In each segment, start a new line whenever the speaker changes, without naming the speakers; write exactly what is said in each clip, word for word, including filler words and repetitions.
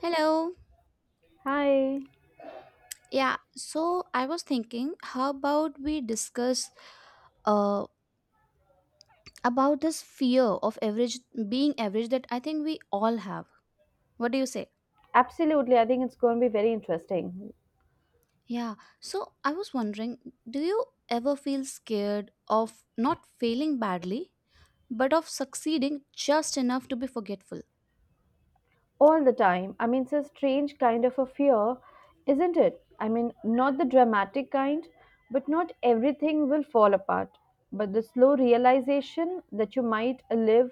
Hello.
Hi.
Yeah, so I was thinking, how about we discuss uh, about this fear of average being average that I think we all have. What do you say?
Absolutely. I think it's going to be very interesting.
Yeah, so I was wondering, do you ever feel scared of not failing badly, but of succeeding just enough to be forgetful?
All the time. I mean, it's a strange kind of a fear, isn't it? I mean, not the dramatic kind, but not everything will fall apart. But the slow realization that you might live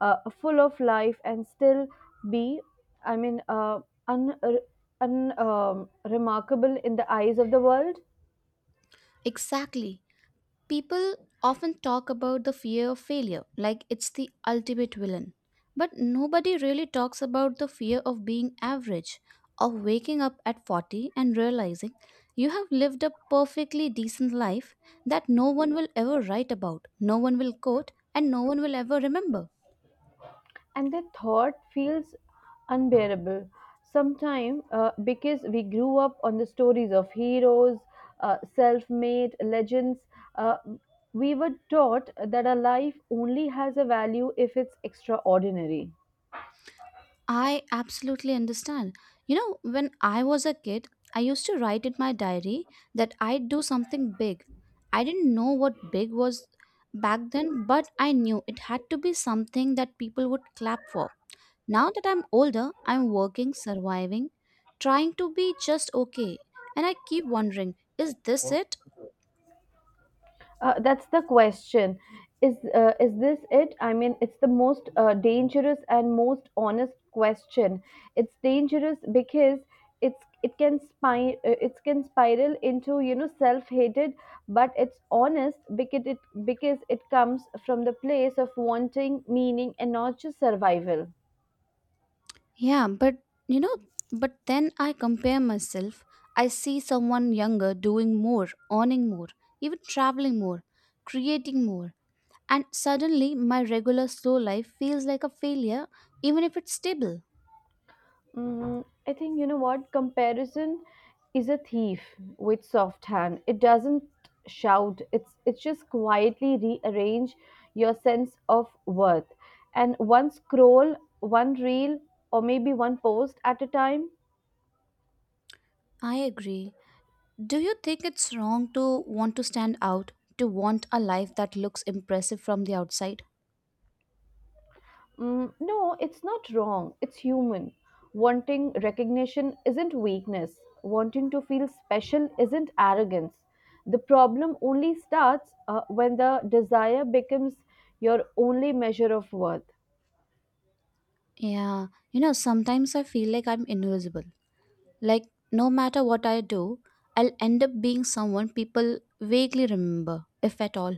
uh, full of life and still be, I mean, uh, un, un, um, remarkable in the eyes of the world.
Exactly. People often talk about the fear of failure like it's the ultimate villain. But nobody really talks about the fear of being average, of waking up at forty and realizing you have lived a perfectly decent life that no one will ever write about, no one will quote, and no one will ever remember.
And the thought feels unbearable sometimes uh, because we grew up on the stories of heroes, uh, self-made legends. uh, we were taught that a life only has a value if it's extraordinary.
I absolutely understand. You know, when I was a kid, I used to write in my diary that I'd do something big. I didn't know what big was back then, but I knew it had to be something that people would clap for. Now that I'm older, I'm working, surviving, trying to be just okay. And I keep wondering, is this it?
Uh, that's the question. Is uh, is this it? I mean, it's the most uh, dangerous and most honest question. It's dangerous because it's it can spy, uh, it can spiral into, you know, self hated, but it's honest because it because it comes from the place of wanting meaning and not just survival.
Yeah, but you know, but then I compare myself. I see someone younger doing more, earning more, even traveling more, creating more, and suddenly my regular slow life feels like a failure, even if it's stable.
Mm, I think, you know what? Comparison is a thief with soft hand. It doesn't shout. It's it's just quietly rearrange your sense of worth. And one scroll, one reel, or maybe one post at a time.
I agree. Do you think it's wrong to want to stand out, to want a life that looks impressive from the outside?
Mm, no, it's not wrong. It's human. Wanting recognition isn't weakness. Wanting to feel special isn't arrogance. The problem only starts uh, when the desire becomes your only measure of worth.
Yeah, you know, sometimes I feel like I'm invisible. Like, no matter what I do, I'll end up being someone people vaguely remember, if at all.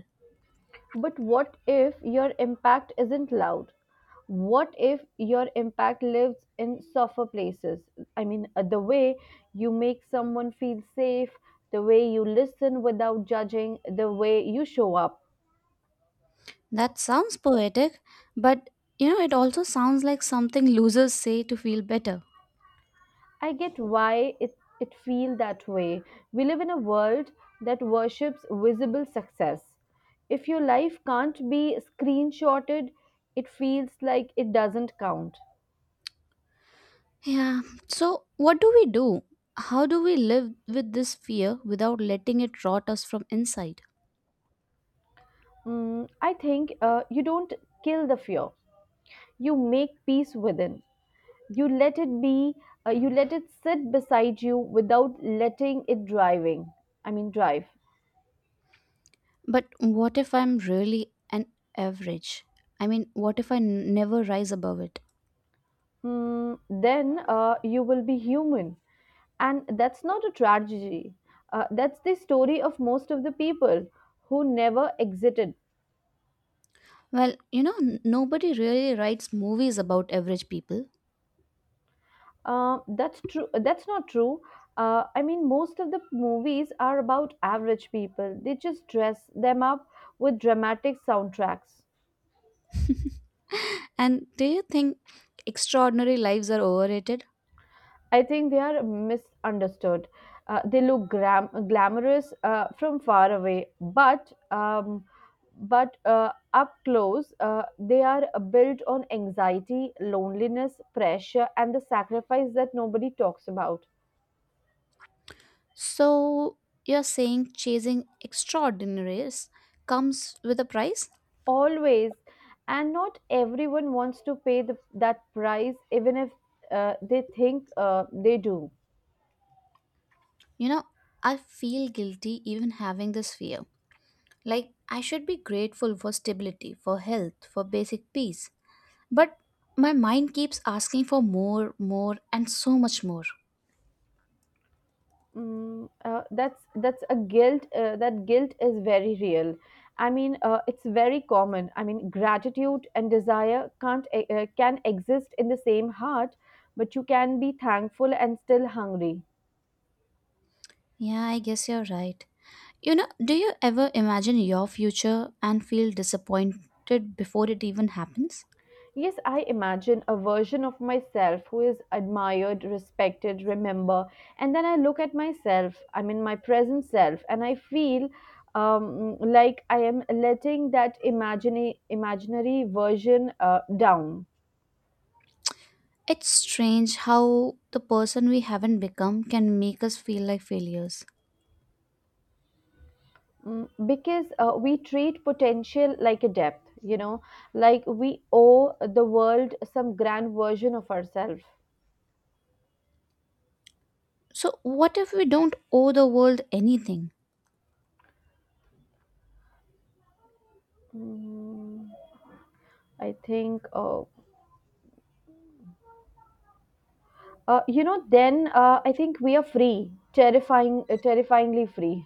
But what if your impact isn't loud? What if your impact lives in softer places? I mean, uh, the way you make someone feel safe, the way you listen without judging, the way you show up.
That sounds poetic, but you know, it also sounds like something losers say to feel better.
I get why it, it feels that way. We live in a world that worships visible success. If your life can't be screenshotted, it feels like it doesn't count.
Yeah, so what do we do? How do we live with this fear without letting it rot us from inside?
Mm, I think uh, you don't kill the fear. You make peace within. You let it be. Uh, you let it sit beside you without letting it driving. I mean, drive.
But what if I'm really an average? I mean, what if I n- never rise above it?
Mm, then uh, you will be human. And that's not a tragedy. Uh, that's the story of most of the people who never exited.
Well, you know, n- nobody really writes movies about average people.
Uh, that's true. That's not true. Uh, I mean, most of the movies are about average people. They just dress them up with dramatic soundtracks.
And do you think extraordinary lives are overrated?
I think they are misunderstood. Uh, they look gram- glamorous uh, from far away, but um, but uh, up close, uh, they are built on anxiety, loneliness, pressure, and the sacrifice that nobody talks about.
So you're saying chasing extraordinaries comes with a price?
Always, and not everyone wants to pay the, that price, even if uh, they think uh, they do.
You know, I feel guilty even having this fear. Like, I should be grateful for stability, for health, for basic peace. But my mind keeps asking for more, more, and so much more.
Mm, uh, that's that's a guilt. Uh, that guilt is very real. I mean, uh, it's very common. I mean, gratitude and desire can't e- uh, can exist in the same heart, but you can be thankful and still hungry.
Yeah, I guess you're right. You know, do you ever imagine your future and feel disappointed before it even happens?
Yes, I imagine a version of myself who is admired, respected, remember, and then I look at myself. I mean, my present self, and I feel um, like I am letting that imagine imaginary version uh, down.
It's strange how the person we haven't become can make us feel like failures.
Mm, because uh, we treat potential like a depth, you know, like we owe the world some grand version of ourselves.
So, what if we don't owe the world anything?
Mm, I think, uh, uh, you know, then uh, I think we are free, terrifying, uh, terrifyingly free.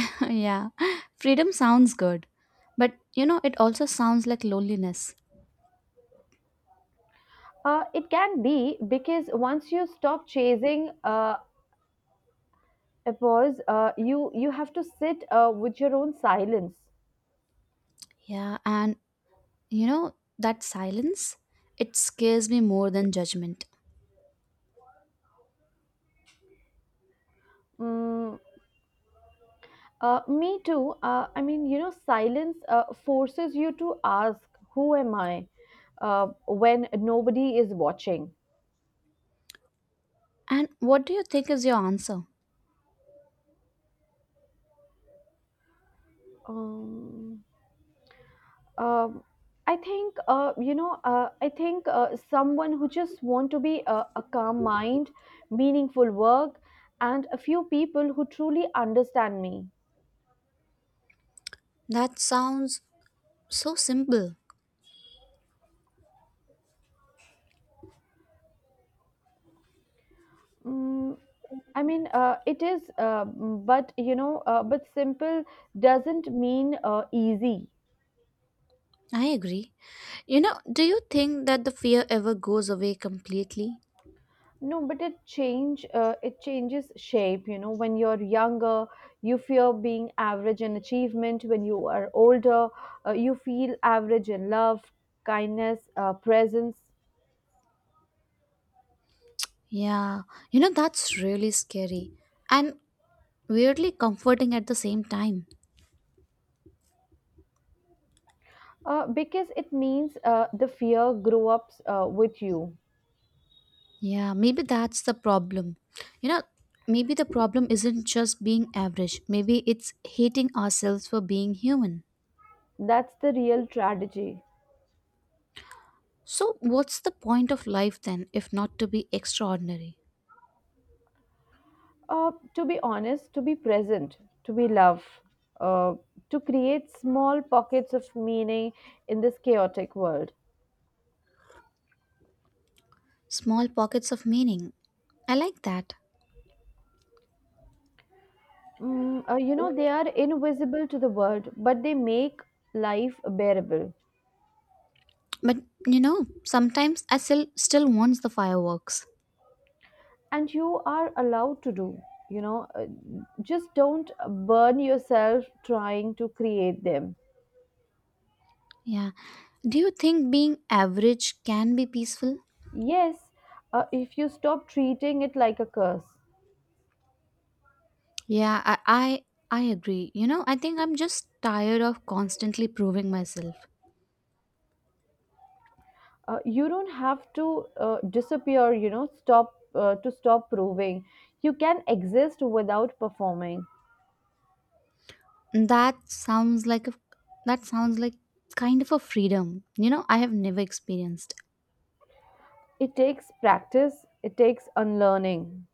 Yeah, freedom sounds good, but you know, it also sounds like loneliness.
Uh, it can be because once you stop chasing uh, a pause, uh, you you have to sit uh, with your own silence.
Yeah, and you know, that silence, it scares me more than judgment.
Mm, Uh, me too. Uh, I mean, you know, silence uh, forces you to ask, "Who am I?" Uh, when nobody is watching.
And what do you think is your answer?
Um, um, I think, uh, you know. Uh, I think uh, someone who just want to be a, a calm mind, meaningful work, and a few people who truly understand me.
That sounds so simple.
Mm, I mean, uh, it is, uh, but you know, uh, but simple doesn't mean uh, easy.
I agree. You know, do you think that the fear ever goes away completely?
No, but it change uh, it changes shape. You know, when you're younger, you fear being average in achievement. When you are older, uh, you feel average in love, kindness, uh, presence.
Yeah, you know, that's really scary and weirdly comforting at the same time.
Uh, because it means uh, the fear grew up uh, with you.
Yeah, maybe that's the problem. You know, maybe the problem isn't just being average, maybe it's hating ourselves for being human.
That's the real tragedy.
So, what's the point of life then if not to be extraordinary?
Uh, to be honest, to be present, to be love, uh, to create small pockets of meaning in this chaotic world.
Small pockets of meaning. I like that.
Mm, uh, you know, they are invisible to the world, but they make life bearable.
But, you know, sometimes I still, still wants the fireworks.
And you are allowed to do, you know, uh, just don't burn yourself trying to create them.
Yeah. Do you think being average can be peaceful?
Yes, uh, if you stop treating it like a curse.
Yeah, I, I I agree. You know, I think I'm just tired of constantly proving myself.
Uh, you don't have to uh, disappear, you know, stop uh, to stop proving. You can exist without performing.
That sounds like a that sounds like kind of a freedom. You know, I have never experienced.
It takes practice, it takes unlearning.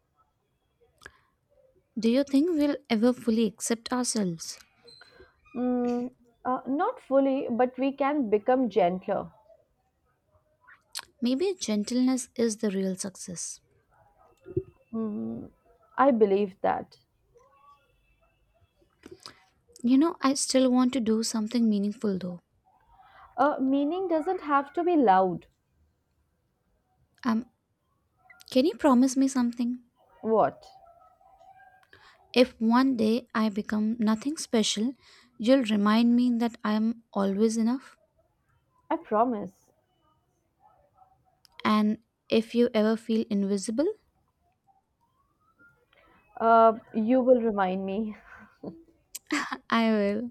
Do you think we'll ever fully accept ourselves?
Mm, uh, not fully, but we can become gentler.
Maybe gentleness is the real success.
Mm, I believe that.
You know, I still want to do something meaningful though.
Uh, meaning doesn't have to be loud.
Um, can you promise me something?
What?
If one day I become nothing special, you'll remind me that I'm always enough.
I promise.
And if you ever feel invisible,
Uh, you will remind me.
I will.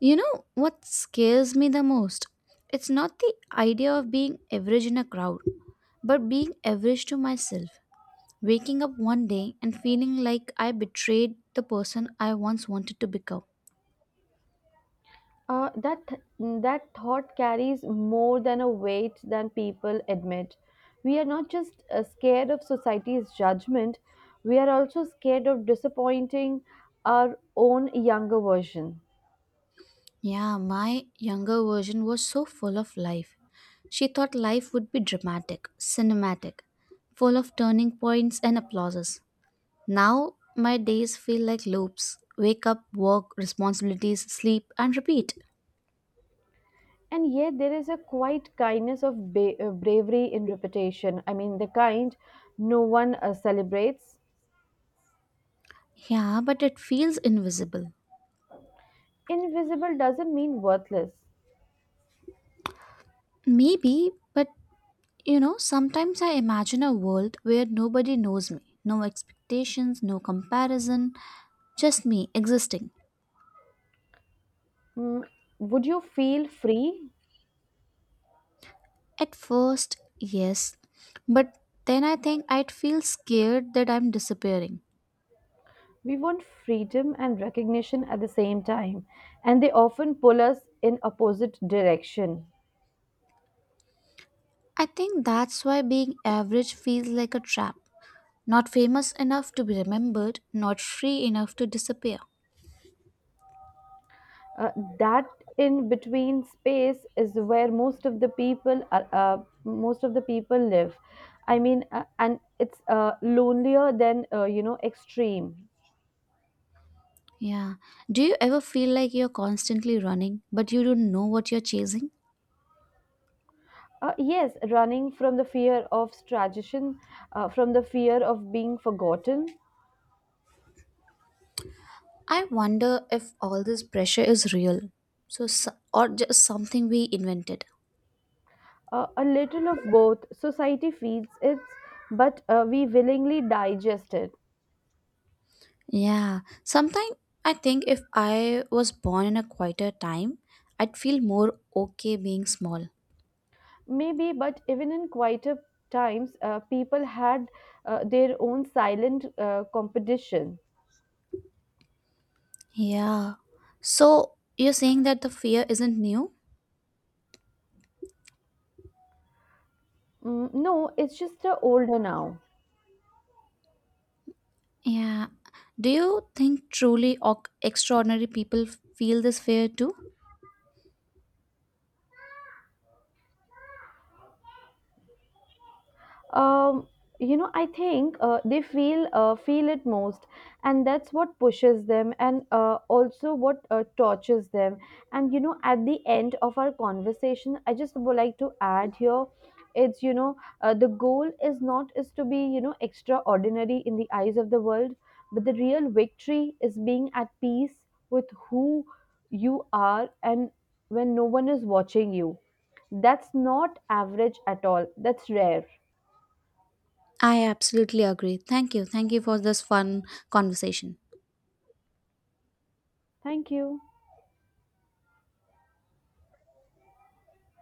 You know what scares me the most? It's not the idea of being average in a crowd, but being average to myself. Waking up one day and feeling like I betrayed the person I once wanted to become.
Uh, that that thought carries more than a weight than people admit. We are not just uh, scared of society's judgment. We are also scared of disappointing our own younger version.
Yeah, my younger version was so full of life. She thought life would be dramatic, cinematic, full of turning points and applauses. Now my days feel like loops wake up, work, responsibilities, sleep, and repeat.
And yet there is a quiet kindness of ba- uh, bravery in reputation. I mean the kind no one uh, celebrates.
Yeah, but it feels invisible.
Invisible doesn't mean worthless.
Maybe, but you know, sometimes I imagine a world where nobody knows me, no expectations, no comparison, just me existing.
Mm, would you feel free?
At first, yes, but then I think I'd feel scared that I'm disappearing.
We want freedom and recognition at the same time, and they often pull us in opposite direction.
I think that's why being average feels like a trap. Not famous enough to be remembered, not free enough to disappear.
Uh, that in between space is where most of the people are, uh, most of the people live. I mean, uh, and it's uh, lonelier than, uh, you know, extreme.
Yeah. Do you ever feel like you're constantly running, but you don't know what you're chasing?
Uh, yes, running from the fear of tradition, uh, from the fear of being forgotten.
I wonder if all this pressure is real. So, so- or just something we invented.
Uh, a little of both. Society feeds it, but uh, we willingly digest it.
Yeah. Sometimes I think if I was born in a quieter time, I'd feel more okay being small.
Maybe, but even in quieter times, uh, people had uh, their own silent uh, competition.
Yeah. So, you're saying that the fear isn't new?
Mm, no, it's just uh, older now.
Yeah. Do you think truly oc- extraordinary people f- feel this fear too?
um, you know, I think, uh, they feel uh, feel it most, and that's what pushes them, and uh, also what uh, tortures them. And you know, at the end of our conversation, I just would like to add here, it's, you know, uh, the goal is not is to be, you know, extraordinary in the eyes of the world, but the real victory is being at peace with who you are, and when no one is watching you, that's not average at all. That's rare.
I absolutely agree. Thank you. Thank you for this fun conversation.
Thank you.